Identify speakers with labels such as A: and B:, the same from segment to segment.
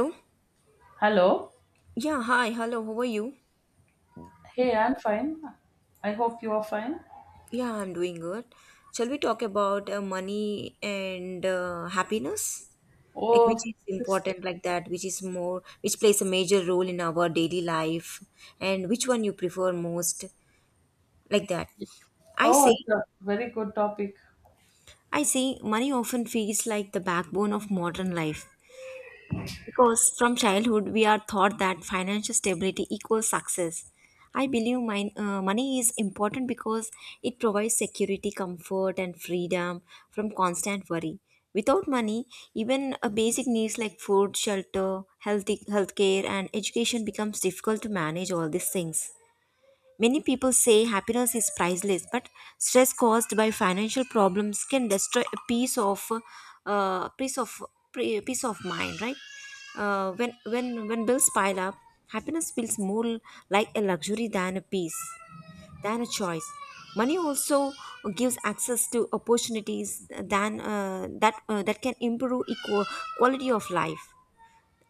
A: Hello?
B: Hello.
A: Yeah, hi, hello, how are you?
B: Hey, I'm fine. I hope you are fine.
A: Yeah, I'm doing good. Shall we talk about money and happiness? Like, which
B: Oh,
A: is
B: this-
A: important, like that, which is more, which plays a major role in our daily life, and which one you prefer most, like that. I
B: oh,
A: say,
B: it's a very good topic.
A: I say, money often feels like the backbone of modern life. Because from childhood, we are taught that financial stability equals success. I believe mine, money is important because it provides security, comfort, and freedom from constant worry. Without money, even a basic needs like food, shelter, healthy healthcare, and education becomes difficult to manage all these things. Many people say happiness is priceless, but stress caused by financial problems can destroy a peace of uh, peace of peace of mind, right? When bills pile up, happiness feels more like a luxury than a choice. Money also gives access to opportunities than that that can improve equal quality of life.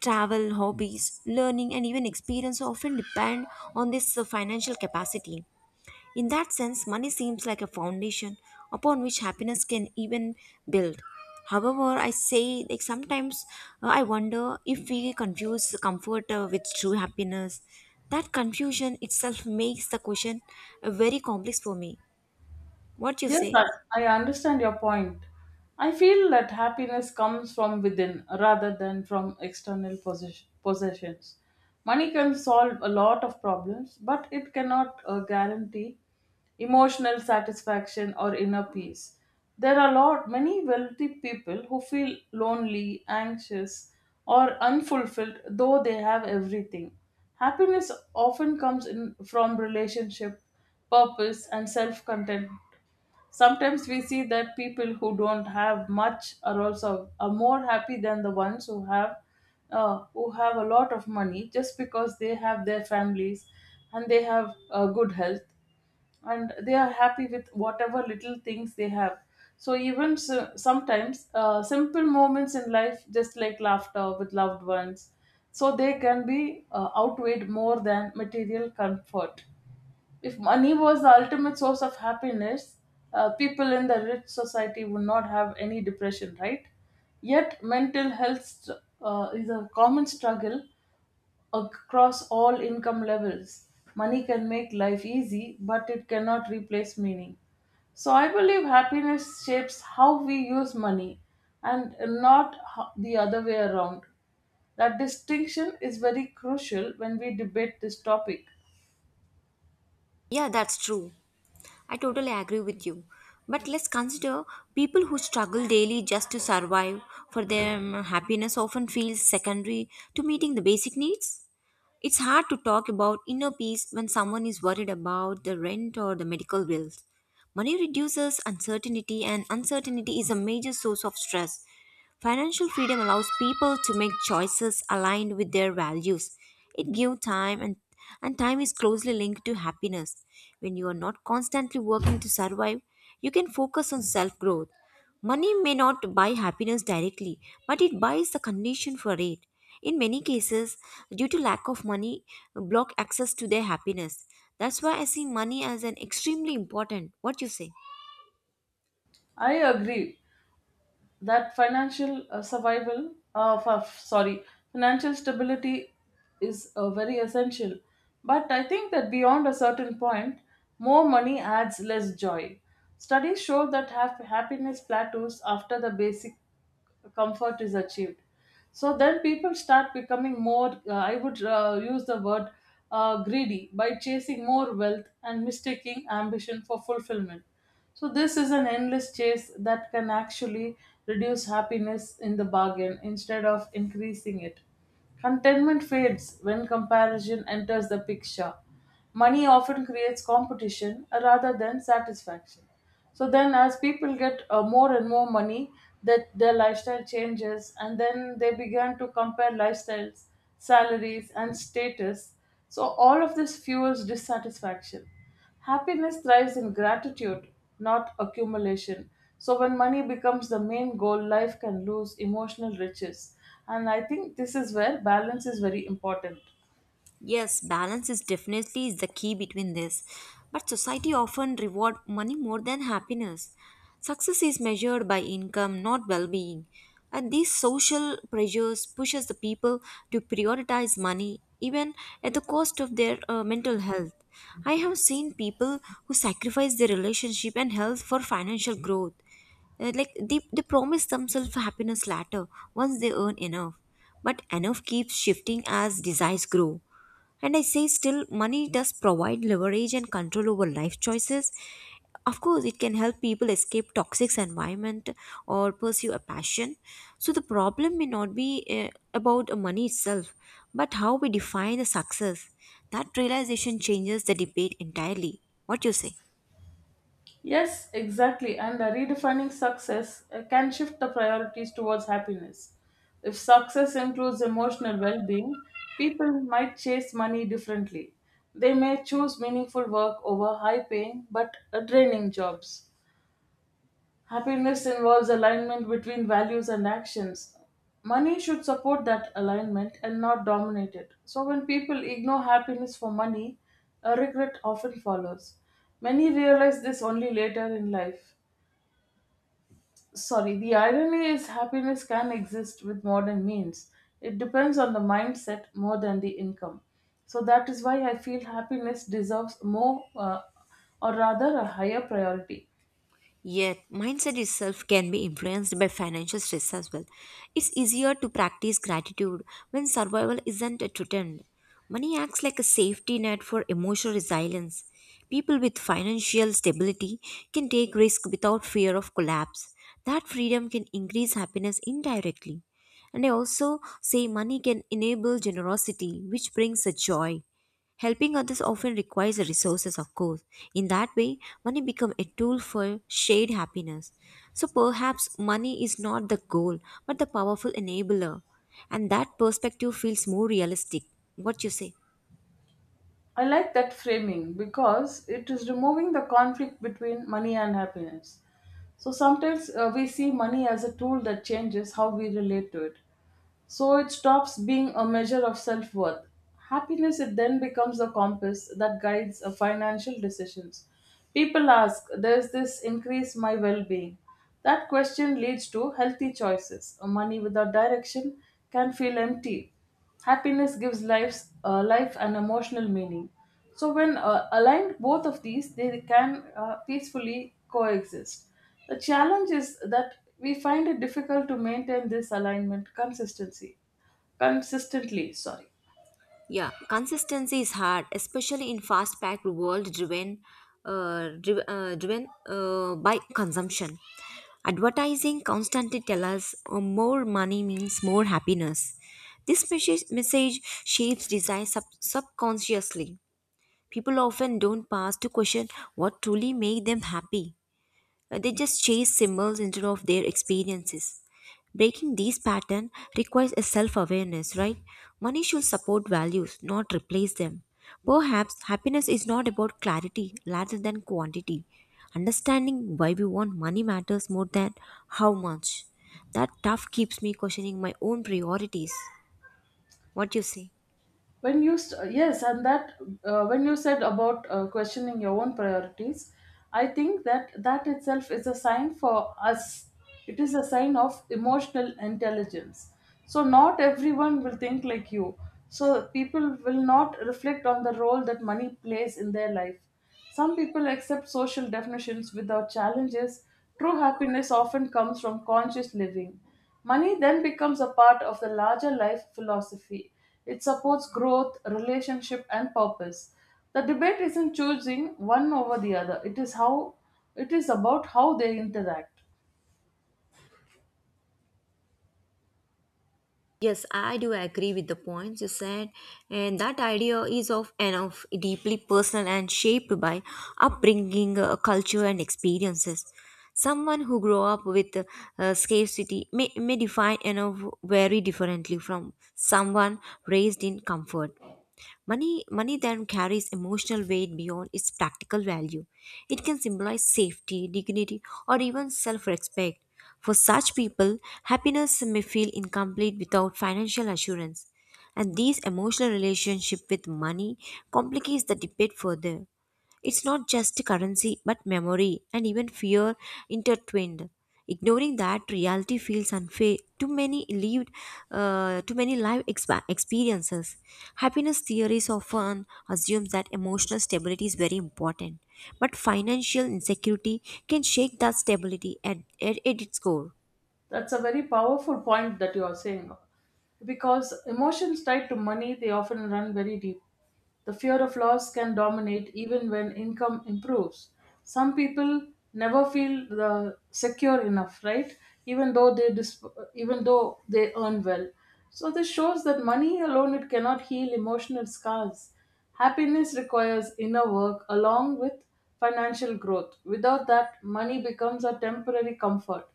A: Travel, hobbies, learning, and even experience often depend on this financial capacity. In that sense, money seems like a foundation upon which happiness can even build. However, I say like sometimes I wonder if we confuse comfort with true happiness. That confusion itself makes the question very complex for me. What you
B: Yes,
A: say?
B: I, I understand your point. I feel that happiness comes from within rather than from external possessions. Money can solve a lot of problems, but it cannot guarantee emotional satisfaction or inner peace. There are lot many wealthy people who feel lonely, anxious, or unfulfilled though they have everything. Happiness often comes in from relationship, purpose, and self-content. Sometimes we see that people who don't have much are also are more happy than the ones who have a lot of money just because they have their families and they have good health and they are happy with whatever little things they have. So even so, sometimes simple moments in life, just like laughter with loved ones, so they can be outweighed more than material comfort. If money was the ultimate source of happiness, people in the rich society would not have any depression, right? Yet, mental health is a common struggle across all income levels. Money can make life easy, but it cannot replace meaning. So, I believe happiness shapes how we use money and not ho- the other way around. That distinction is very crucial when we debate this topic.
A: Yeah, that's true. I totally agree with you. But let's consider people who struggle daily just to survive. For them, happiness often feels secondary to meeting the basic needs. It's hard to talk about inner peace when someone is worried about the rent or the medical bills. Money reduces uncertainty, and uncertainty is a major source of stress. Financial freedom allows people to make choices aligned with their values. It gives time and time is closely linked to happiness. When you are not constantly working to survive, you can focus on self-growth. Money may not buy happiness directly, but it buys the condition for it. In many cases, due to lack of money, block access to their happiness. That's why I see money as an extremely important. What you say?
B: I agree. That financial survival of sorry financial stability is very essential, but I think that beyond a certain point, more money adds less joy. Studies show that happiness plateaus after the basic comfort is achieved. So then people start becoming more , I would use the word greedy, by chasing more wealth and mistaking ambition for fulfillment. So this is an endless chase that can actually reduce happiness in the bargain instead of increasing it. Contentment fades when comparison enters the picture. Money often creates competition rather than satisfaction. So then, as people get more and more money, that their lifestyle changes, and then they begin to compare lifestyles, salaries, and status. So all of this fuels dissatisfaction. Happiness thrives in gratitude, not accumulation. So when money becomes the main goal, life can lose emotional riches. And I think this is where balance is very important.
A: Yes, balance is definitely the key between this. But society often reward money more than happiness. Success is measured by income, not well-being. And these social pressures pushes the people to prioritize money even at the cost of their mental health. I have seen people who sacrifice their relationship and health for financial growth. Like they promise themselves happiness later once they earn enough, but enough keeps shifting as desires grow. And I say still money does provide leverage and control over life choices. Of course it can help people escape toxic environment or pursue a passion. So the problem may not be about money itself, but how we define the success. That realization changes the debate entirely. What you say?
B: Yes, exactly. And redefining success can shift the priorities towards happiness. If success includes emotional well being, people might chase money differently. They may choose meaningful work over high paying but draining jobs. Happiness involves alignment between values and actions. Money should support that alignment and not dominate it. So, when people ignore happiness for money, a regret often follows. Many realize this only later in life. Sorry, the irony is happiness can exist with modern means. It depends on the mindset more than the income. So that is why I feel happiness deserves more, or rather, a higher priority.
A: Yet, mindset itself can be influenced by financial stress as well. It's easier to practice gratitude when survival isn't threatened. Money acts like a safety net for emotional resilience. People with financial stability can take risk without fear of collapse. That freedom can increase happiness indirectly. And I also say money can enable generosity, which brings a joy. Helping others often requires resources, of course. In that way, money becomes a tool for shared happiness. So perhaps money is not the goal, but the powerful enabler. And that perspective feels more realistic. What you say?
B: I like that framing because it is removing the conflict between money and happiness. So sometimes we see money as a tool that changes how we relate to it. So it stops being a measure of self worth. Happiness it then becomes a compass that guides financial decisions. People ask, does this increase my well being? That question leads to healthy choices. Money without direction can feel empty. Happiness gives life an emotional meaning. So when aligned, both of these they can peacefully coexist. The challenge is that we find it difficult to maintain this alignment consistently. Sorry.
A: Yeah, consistency is hard, especially in fast-packed world driven by consumption. Advertising constantly tell us more money means more happiness. This message shapes desire subconsciously. People often don't pause to question what truly make them happy. They just chase symbols instead of their experiences. Breaking these patterns requires a self awareness, right? Money should support values, not replace them. Perhaps happiness is not about clarity rather than quantity. Understanding why we want money matters more than how much. That tough keeps me questioning my own priorities. What do you say?
B: When yes, and that when you said about questioning your own priorities, I think that that itself is a sign for us. It is a sign of emotional intelligence. So not everyone will think like you, so people will not reflect on the role that money plays in their life. Some people accept social definitions without challenges. True happiness often comes from conscious living. Money then becomes a part of the larger life philosophy. It supports growth, relationship, and purpose. The debate isn't choosing one over the other. It is about how they interact.
A: Yes, I do agree with the points you said, and that idea is of and of deeply personal and shaped by upbringing, culture, and experiences. Someone who grew up with scarcity may define you know very differently from someone raised in comfort. Money then carries emotional weight beyond its practical value. It can symbolize safety, dignity, or even self respect. For such people, happiness may feel incomplete without financial assurance. And these emotional relationship with money complicates the debate further. It's not just currency, but memory and even fear intertwined. Ignoring that reality feels unfair. Too many life experiences. Happiness theories often assumes that emotional stability is very important, but financial insecurity can shake that stability at its core.
B: That's a very powerful point that you are saying. Because emotions tied to money, they often run very deep. The fear of loss can dominate even when income improves. Some people never feel the secure enough, right? Even though they dis- Even though they earn well. So this shows that money alone it cannot heal emotional scars. Happiness requires inner work along with financial growth. Without that, money becomes a temporary comfort.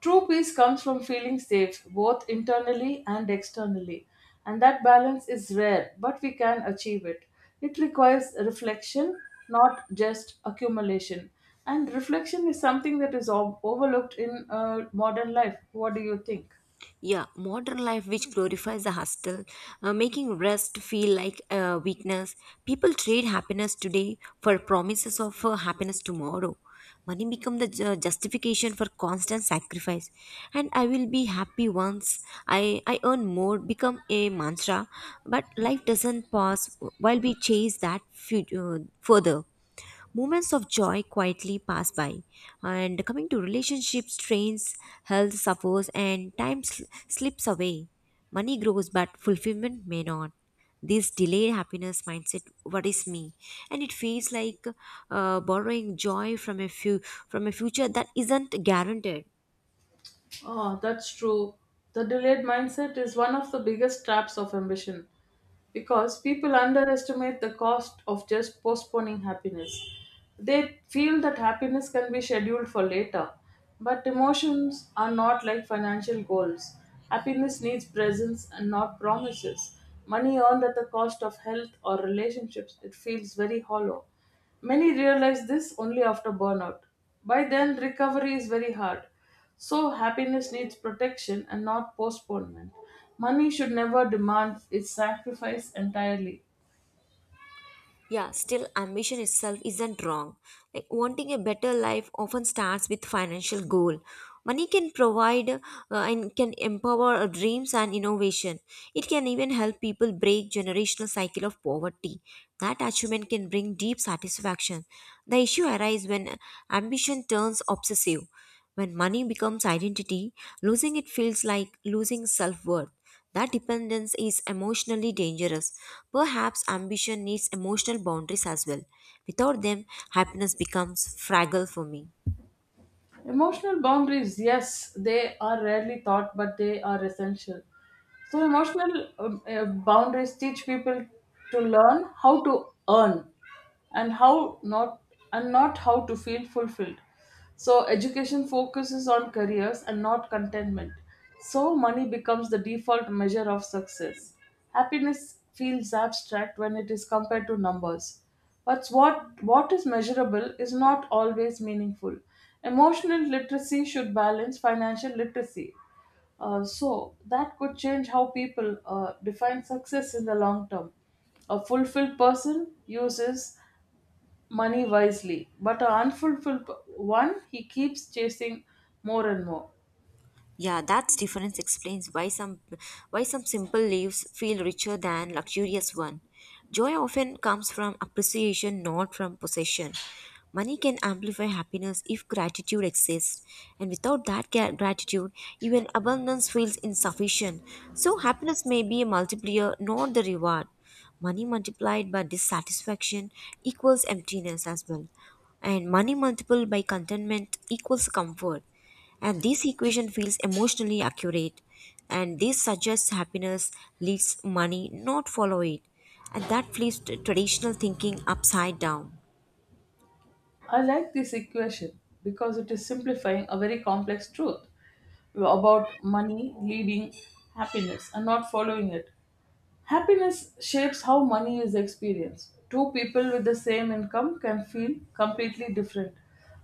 B: True peace comes from feeling safe, both internally and externally, and that balance is rare, but we can achieve it. It requires reflection, not just accumulation. And reflection is something that is overlooked in modern life. What do you think?
A: Yeah, modern life which glorifies the hustle, making rest feel like a weakness. People trade happiness today for promises of happiness tomorrow. Money become the justification for constant sacrifice, and I will be happy once I earn more become a mantra. But life doesn't pause while we chase that future further moments of joy quietly pass by. And coming to relationships, strains, health suffers, and time slips away. Money grows, but fulfillment may not. This delayed happiness mindset worries me, and it feels like borrowing joy from a few from a future that isn't guaranteed.
B: Oh, that's true. The delayed mindset is one of the biggest traps of ambition because people underestimate the cost of just postponing happiness. They feel that happiness can be scheduled for later, but emotions are not like financial goals. Happiness needs presence and not promises. Money earned at the cost of health or relationships, it feels very hollow. Many realize this only after burnout. By then, recovery is very hard. So, happiness needs protection and not postponement. Money should never demand its sacrifice entirely.
A: Yeah, still, ambition itself isn't wrong. Like, wanting a better life often starts with financial goal. Money can provide and can empower our dreams and innovation. It can even help people break generational cycle of poverty. That achievement can bring deep satisfaction. The issue arises when ambition turns obsessive. When money becomes identity, losing it feels like losing self-worth. That dependence is emotionally dangerous. Perhaps ambition needs emotional boundaries as well. Without them, happiness becomes fragile for me.
B: Emotional boundaries, yes, they are rarely taught, but they are essential. So, emotional boundaries teach people to learn how to earn and how not and not how to feel fulfilled. So, education focuses on careers and not contentment. So, money becomes the default measure of success. Happiness feels abstract when it is compared to numbers. But what is measurable is not always meaningful. Emotional literacy should balance financial literacy. So that could change how people define success in the long term. A fulfilled person uses money wisely, but an unfulfilled one, he keeps chasing more and more.
A: Yeah, that difference explains why some simple lives feel richer than luxurious one. Joy often comes from appreciation, not from possession. Money can amplify happiness if gratitude exists, and without that gratitude, even abundance feels insufficient. So happiness may be a multiplier, not the reward. Money multiplied by dissatisfaction equals emptiness as well, and money multiplied by contentment equals comfort. And this equation feels emotionally accurate, and this suggests happiness leads money, not follow it. And that flips traditional thinking upside down.
B: I like this equation because it is simplifying a very complex truth about money leading happiness and not following it. Happiness shapes how money is experienced. Two people with the same income can feel completely different.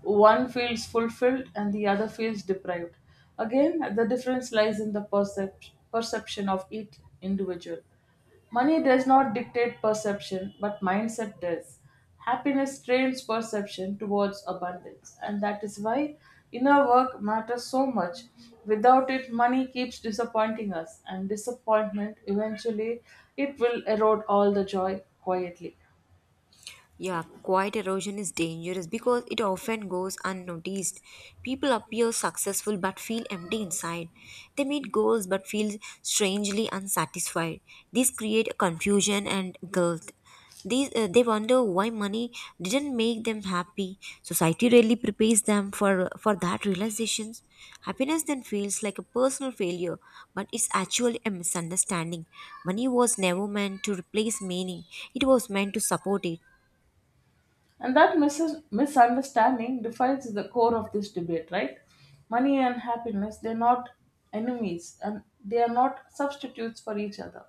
B: One feels fulfilled and the other feels deprived. Again, the difference lies in the perception of each individual. Money does not dictate perception, but mindset does. Happiness trains perception towards abundance, and that is why inner work matters so much. Without it, money keeps disappointing us, and disappointment eventually it will erode all the joy quietly.
A: Yeah, quiet erosion is dangerous because it often goes unnoticed. People appear successful but feel empty inside. They meet goals but feel strangely unsatisfied. These create confusion and guilt. They wonder why money didn't make them happy. Society rarely prepares them for that realization. Happiness then feels like a personal failure, but it's actually a misunderstanding. Money was never meant to replace meaning, it was meant to support it.
B: And that misunderstanding defines the core of this debate, right? Money and happiness, they're not enemies and they are not substitutes for each other.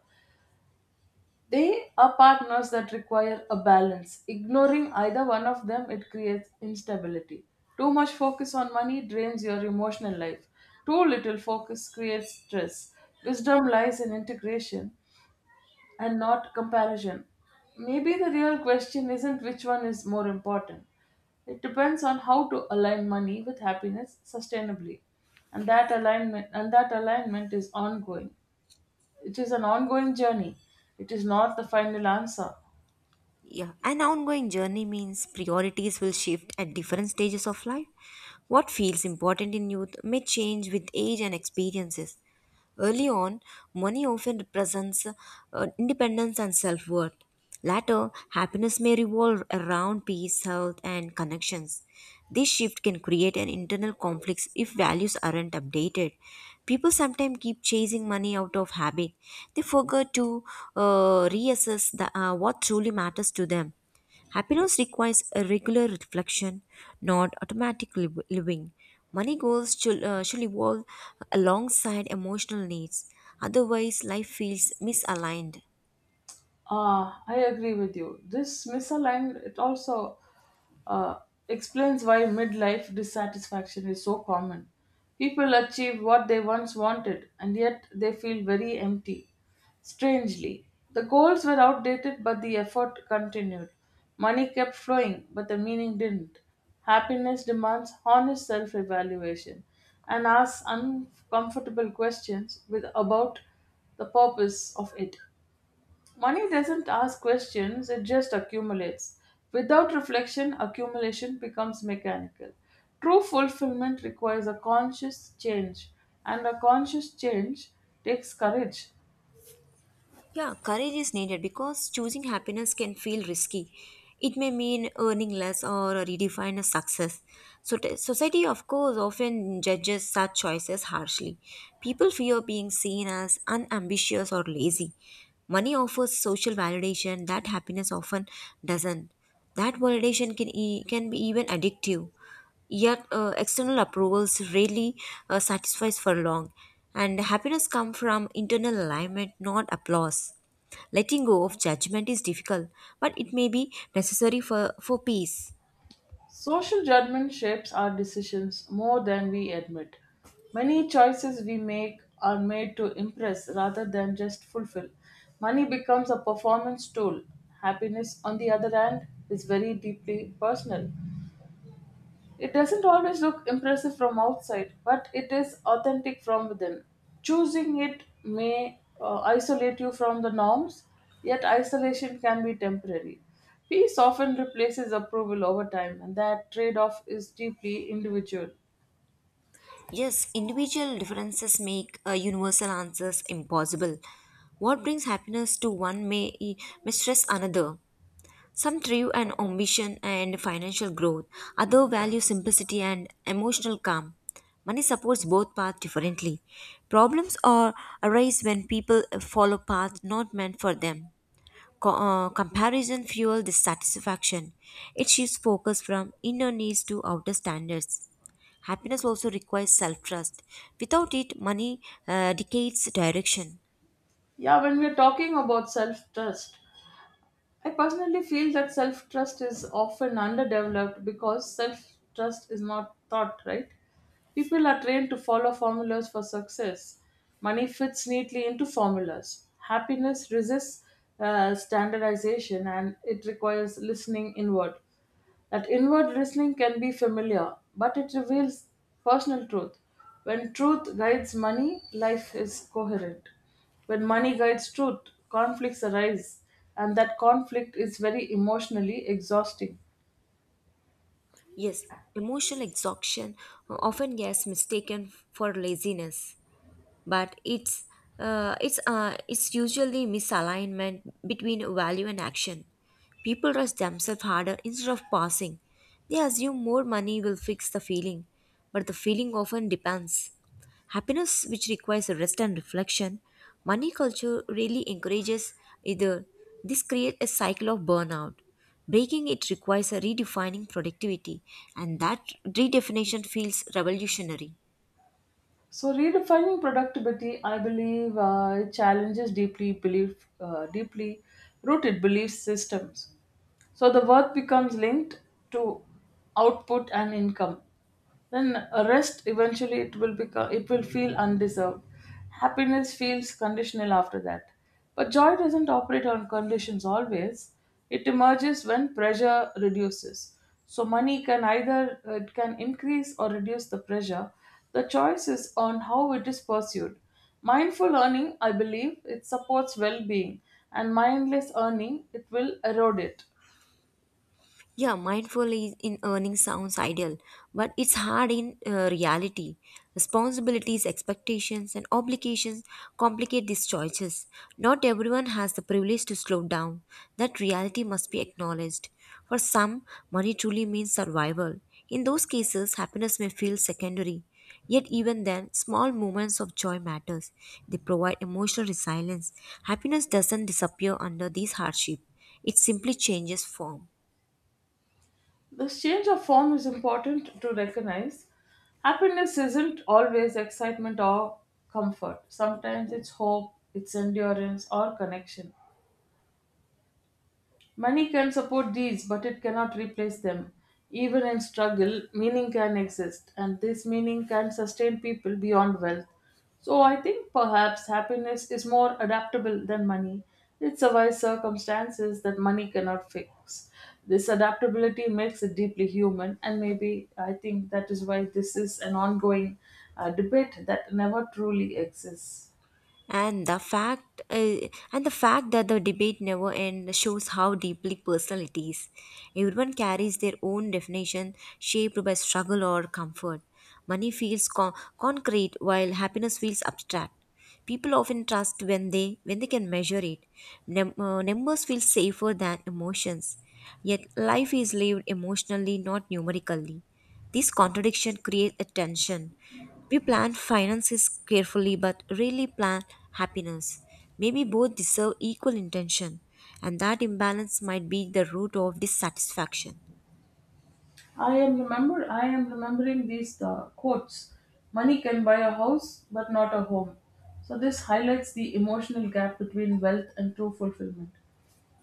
B: They are partners that require a balance. Ignoring either one of them, it creates instability. Too much focus on money drains your emotional life. Too little focus creates stress. Wisdom lies in integration and not comparison. Maybe the real question isn't which one is more important. It depends on how to align money with happiness sustainably. And that alignment is ongoing. It is an ongoing journey. It is not the final answer.
A: Yeah, an ongoing journey means priorities will shift at different stages of life. What feels important in youth may change with age and experiences. Early on, money often represents independence and self worth. Later, happiness may revolve around peace, health, and connections. This shift can create an internal conflict if values aren't updated. People sometimes keep chasing money out of habit. They forget to reassess what truly matters to them. Happiness requires a regular reflection, not automatic living. Money goals should evolve alongside emotional needs, otherwise, life feels misaligned.
B: Ah, I agree with you. This misaligned it also uh, explains why midlife dissatisfaction is so common. People achieve what they once wanted, and yet they feel very empty. Strangely, the goals were outdated, but the effort continued. Money kept flowing, but the meaning didn't. Happiness demands honest self-evaluation and asks uncomfortable questions with about the purpose of it. Money doesn't ask questions, it just accumulates. Without reflection, accumulation becomes mechanical. True fulfillment requires a conscious change, and a conscious change takes courage.
A: Yeah, courage is needed because choosing happiness can feel risky. It may mean earning less or redefine a success. So society, of course, often judges such choices harshly. People fear being seen as unambitious or lazy. Money offers social validation that happiness often doesn't. That validation can can be even addictive. Yet external approvals rarely satisfies for long. And happiness comes from internal alignment, not applause. Letting go of judgment is difficult, but it may be necessary for peace.
B: Social judgment shapes our decisions more than we admit. Many choices we make are made to impress rather than just fulfill. Money becomes a performance tool. Happiness, on the other hand, is very deeply personal. It doesn't always look impressive from outside, but it is authentic from within. Choosing it may isolate you from the norms, yet isolation can be temporary. Peace often replaces approval over time, and that trade off is deeply individual.
A: Yes, individual differences make universal answers impossible. What brings happiness to one may stress another. Some thrive on ambition and financial growth, others value simplicity and emotional calm. Money supports both paths differently. Problems are arise when people follow paths not meant for them. Comparison fuels dissatisfaction. It shifts focus from inner needs to outer standards. Happiness also requires self trust. Without it, money decays direction.
B: Yeah, when we're talking about self trust, I personally feel that self trust is often underdeveloped because self trust is not taught, right? People are trained to follow formulas for success. Money fits neatly into formulas. Happiness resists standardization and it requires listening inward. That inward listening can be familiar, but it reveals personal truth. When truth guides money, life is coherent. When money guides truth, conflicts arise, and that conflict is very emotionally exhausting.
A: Yes, emotional exhaustion often gets mistaken for laziness. But it's usually misalignment between value and action. People rush themselves harder instead of passing. They assume more money will fix the feeling, but the feeling often depends. Happiness, which requires rest and reflection, money culture really encourages either. This creates a cycle of burnout. Breaking it requires a redefining productivity, and that redefinition feels revolutionary.
B: So, redefining productivity, I believe, it challenges deeply rooted belief systems. So, the worth becomes linked to output and income. Then a rest eventually it will feel undeserved. Happiness feels conditional after that. But joy doesn't operate on conditions always. It emerges when pressure reduces. So money can either it can increase or reduce the pressure. The choice is on how it is pursued. Mindful earning, I believe, it supports well-being, and mindless earning, it will erode it.
A: Yeah, mindful is in earning sounds ideal, but it's hard in reality. Responsibilities, expectations, and obligations complicate these choices. Not everyone has the privilege to slow down. That reality must be acknowledged. For some, money truly means survival. In those cases, happiness may feel secondary. Yet even then, small moments of joy matters. They provide emotional resilience. Happiness doesn't disappear under these hardship. It simply changes form.
B: This change of form is important to recognize. Happiness isn't always excitement or comfort. Sometimes it's hope, it's endurance, or connection. Money can support these, but it cannot replace them. Even in struggle, meaning can exist, and this meaning can sustain people beyond wealth. So I think perhaps happiness is more adaptable than money. It survives circumstances that money cannot fix. This adaptability makes it deeply human, and maybe I think that is why this is an ongoing debate that never truly exists.
A: and the fact uh, and the fact that the debate never ends shows how deeply personal it is. Everyone carries their own definition shaped by struggle or comfort. Money feels concrete while happiness feels abstract. People often trust when they can measure it. Numbers feel safer than emotions, yet life is lived emotionally, not numerically. This contradiction creates a tension. We plan finances carefully but rarely plan happiness. Maybe both deserve equal intention, and that imbalance might be the root of dissatisfaction.
B: I am remembering these quotes. Money can buy a house, but not a home. So this highlights the emotional gap between wealth and true fulfillment.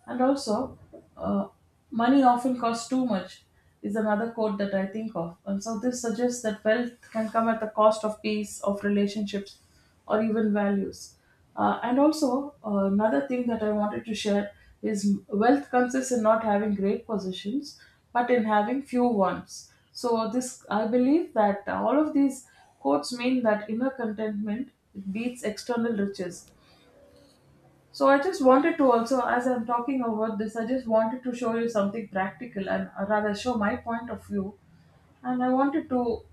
B: And also, uh, money often costs too much is another quote that I think of. And so this suggests that wealth can come at the cost of peace, of relationships, or even values. And also, another thing that I wanted to share is wealth consists in not having great positions, but in having few ones. So this, I believe that all of these quotes mean that inner contentment beats external riches. So I just wanted to also, as I'm talking about this, I just wanted to show you something practical and rather show my point of view. And I wanted to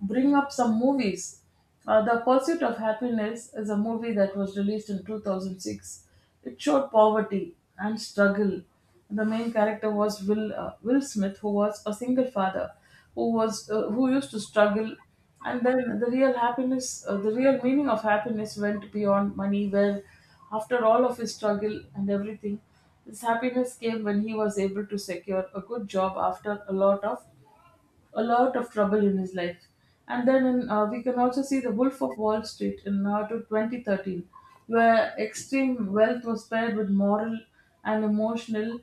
B: bring up some movies. The Pursuit of Happiness is a movie that was released in 2006. It showed poverty and struggle. The main character was Will Smith, who was a single father who was who used to struggle, and then the real happiness, the real meaning of happiness went beyond money, where after all of his struggle and everything his happiness came when he was able to secure a good job after a lot of trouble in his life. And then in, we can also see the wolf of wall street in now to 2013, where extreme wealth was paired with moral and emotional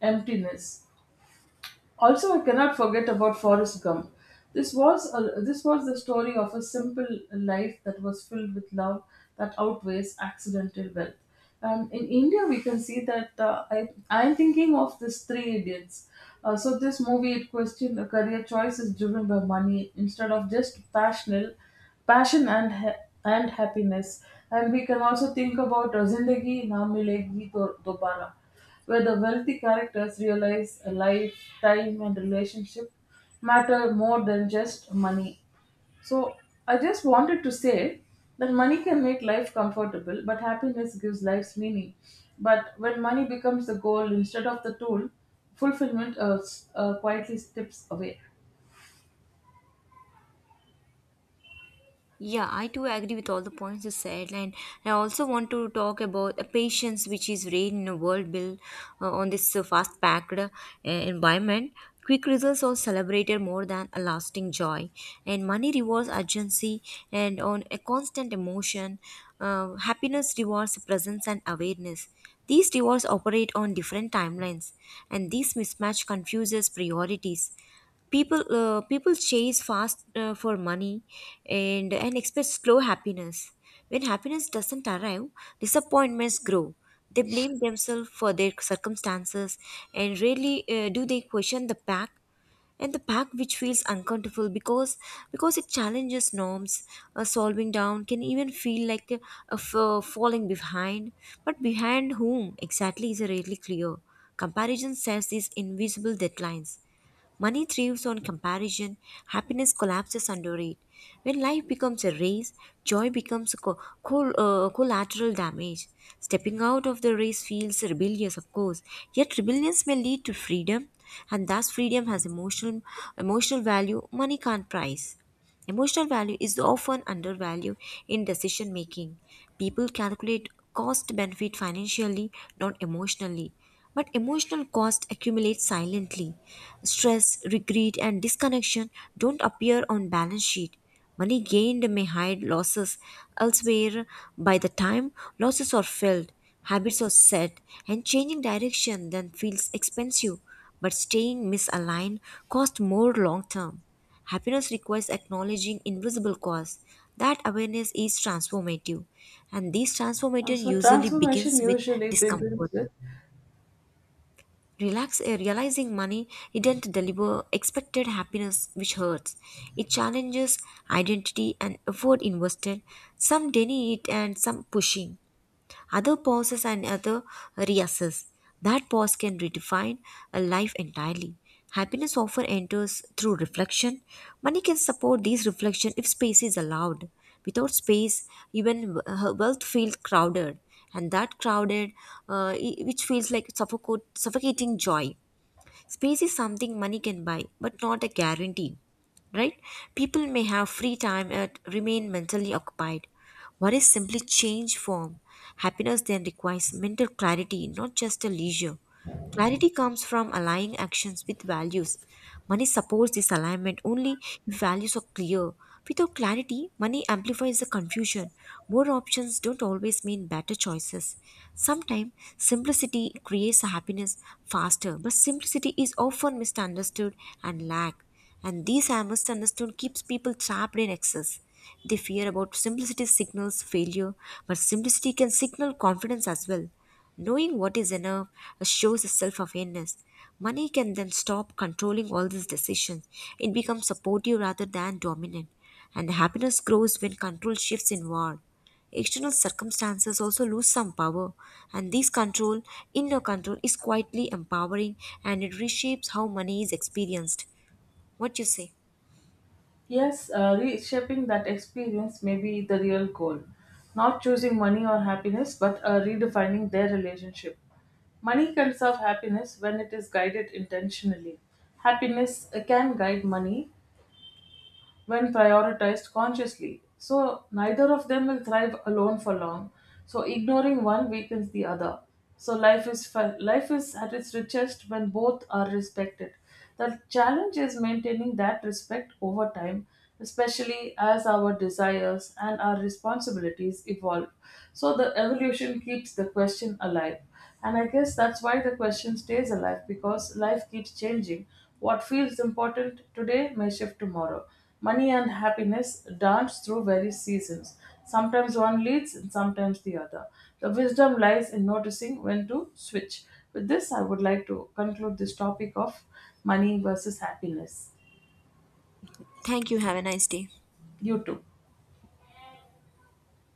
B: emptiness. Also, I cannot forget about Forrest Gump. This was the story of a simple life that was filled with love that outweighs accidental wealth. And in India, we can see that I am thinking of this Three Idiots. So this movie it questioned a career choice is driven by money instead of just passion and happiness. And we can also think about Zindagi Na Milegi Dobara where the wealthy characters realize a life, time, and relationship matter more than just money. So, I just wanted to say that money can make life comfortable, but happiness gives life's meaning. But when money becomes the goal instead of the tool, fulfillment quietly slips away.
A: Yeah, I too agree with all the points you said, and I also want to talk about a patience which is rare in a world built on this fast-packed environment. Quick results are celebrated more than a lasting joy, and money rewards urgency and on a constant emotion. Happiness rewards presence and awareness. These rewards operate on different timelines, and this mismatch confuses priorities. People chase fast for money and expect slow happiness. When happiness doesn't arrive, disappointments grow. They blame themselves for their circumstances and rarely do they question the pack, and the pack which feels uncomfortable because it challenges norms. Solving down can even feel like falling behind, but behind whom exactly is rarely clear. Comparison sets these invisible deadlines. Money thrives on comparison, happiness collapses under it. When life becomes a race, joy becomes collateral damage. Stepping out of the race feels rebellious, of course, yet rebellions may lead to freedom, and thus freedom has emotional value money can't price. Emotional value is often undervalued in decision making. People calculate cost benefit financially, not emotionally. But emotional cost accumulates silently. Stress, regret, and disconnection don't appear on balance sheet. Money gained may hide losses elsewhere. By the time losses are felt, habits are set, and changing direction then feels expensive. But staying misaligned costs more long term. Happiness requires acknowledging invisible costs. That awareness is transformative, and this
B: And
A: transformative
B: so,
A: usually
B: transformation
A: begins with
B: usually begins
A: discomfort.
B: with.
A: Realizing money didn't deliver expected happiness, which hurts. It challenges identity and effort invested. Some deny it and some pushing, other pauses and other reassess. That pause can redefine a life entirely. Happiness often enters through reflection. Money can support these reflection if space is allowed. Without space, even wealth feels crowded, and that crowded, uh, which feels like suffocating joy. Space is something money can buy, but not a guarantee, right? People may have free time and remain mentally occupied. What is simply change form? Happiness then requires mental clarity, not just a leisure. Clarity comes from aligning actions with values. Money supports this alignment only if values are clear. Without clarity, money amplifies the confusion. More options don't always mean better choices. Sometimes simplicity creates happiness faster, but simplicity is often misunderstood and lack. And these are misunderstood keeps people trapped in excess. They fear about simplicity signals failure, but simplicity can signal confidence as well. Knowing what is enough shows a self awareness. Money can then stop controlling all these decisions. It becomes supportive rather than dominant. And happiness grows when control shifts inward. External circumstances also lose some power, and this control, inner control, is quietly empowering and it reshapes how money is experienced. What you say?
B: Yes, reshaping that experience may be the real goal. Not choosing money or happiness, but redefining their relationship. Money can serve happiness when it is guided intentionally. Happiness can guide money when prioritized consciously. So, neither of them will thrive alone for long. So, ignoring one weakens the other. So, life is at its richest when both are respected. The challenge is maintaining that respect over time, especially as our desires and our responsibilities evolve. So the evolution keeps the question alive. And I guess that's why the question stays alive because life keeps changing. What feels important today may shift tomorrow. Money and happiness dance through various seasons. Sometimes one leads and sometimes the other. The wisdom lies in noticing when to switch. With this, I would like to conclude this topic of money versus happiness.
A: Thank you. Have a nice day.
B: You too.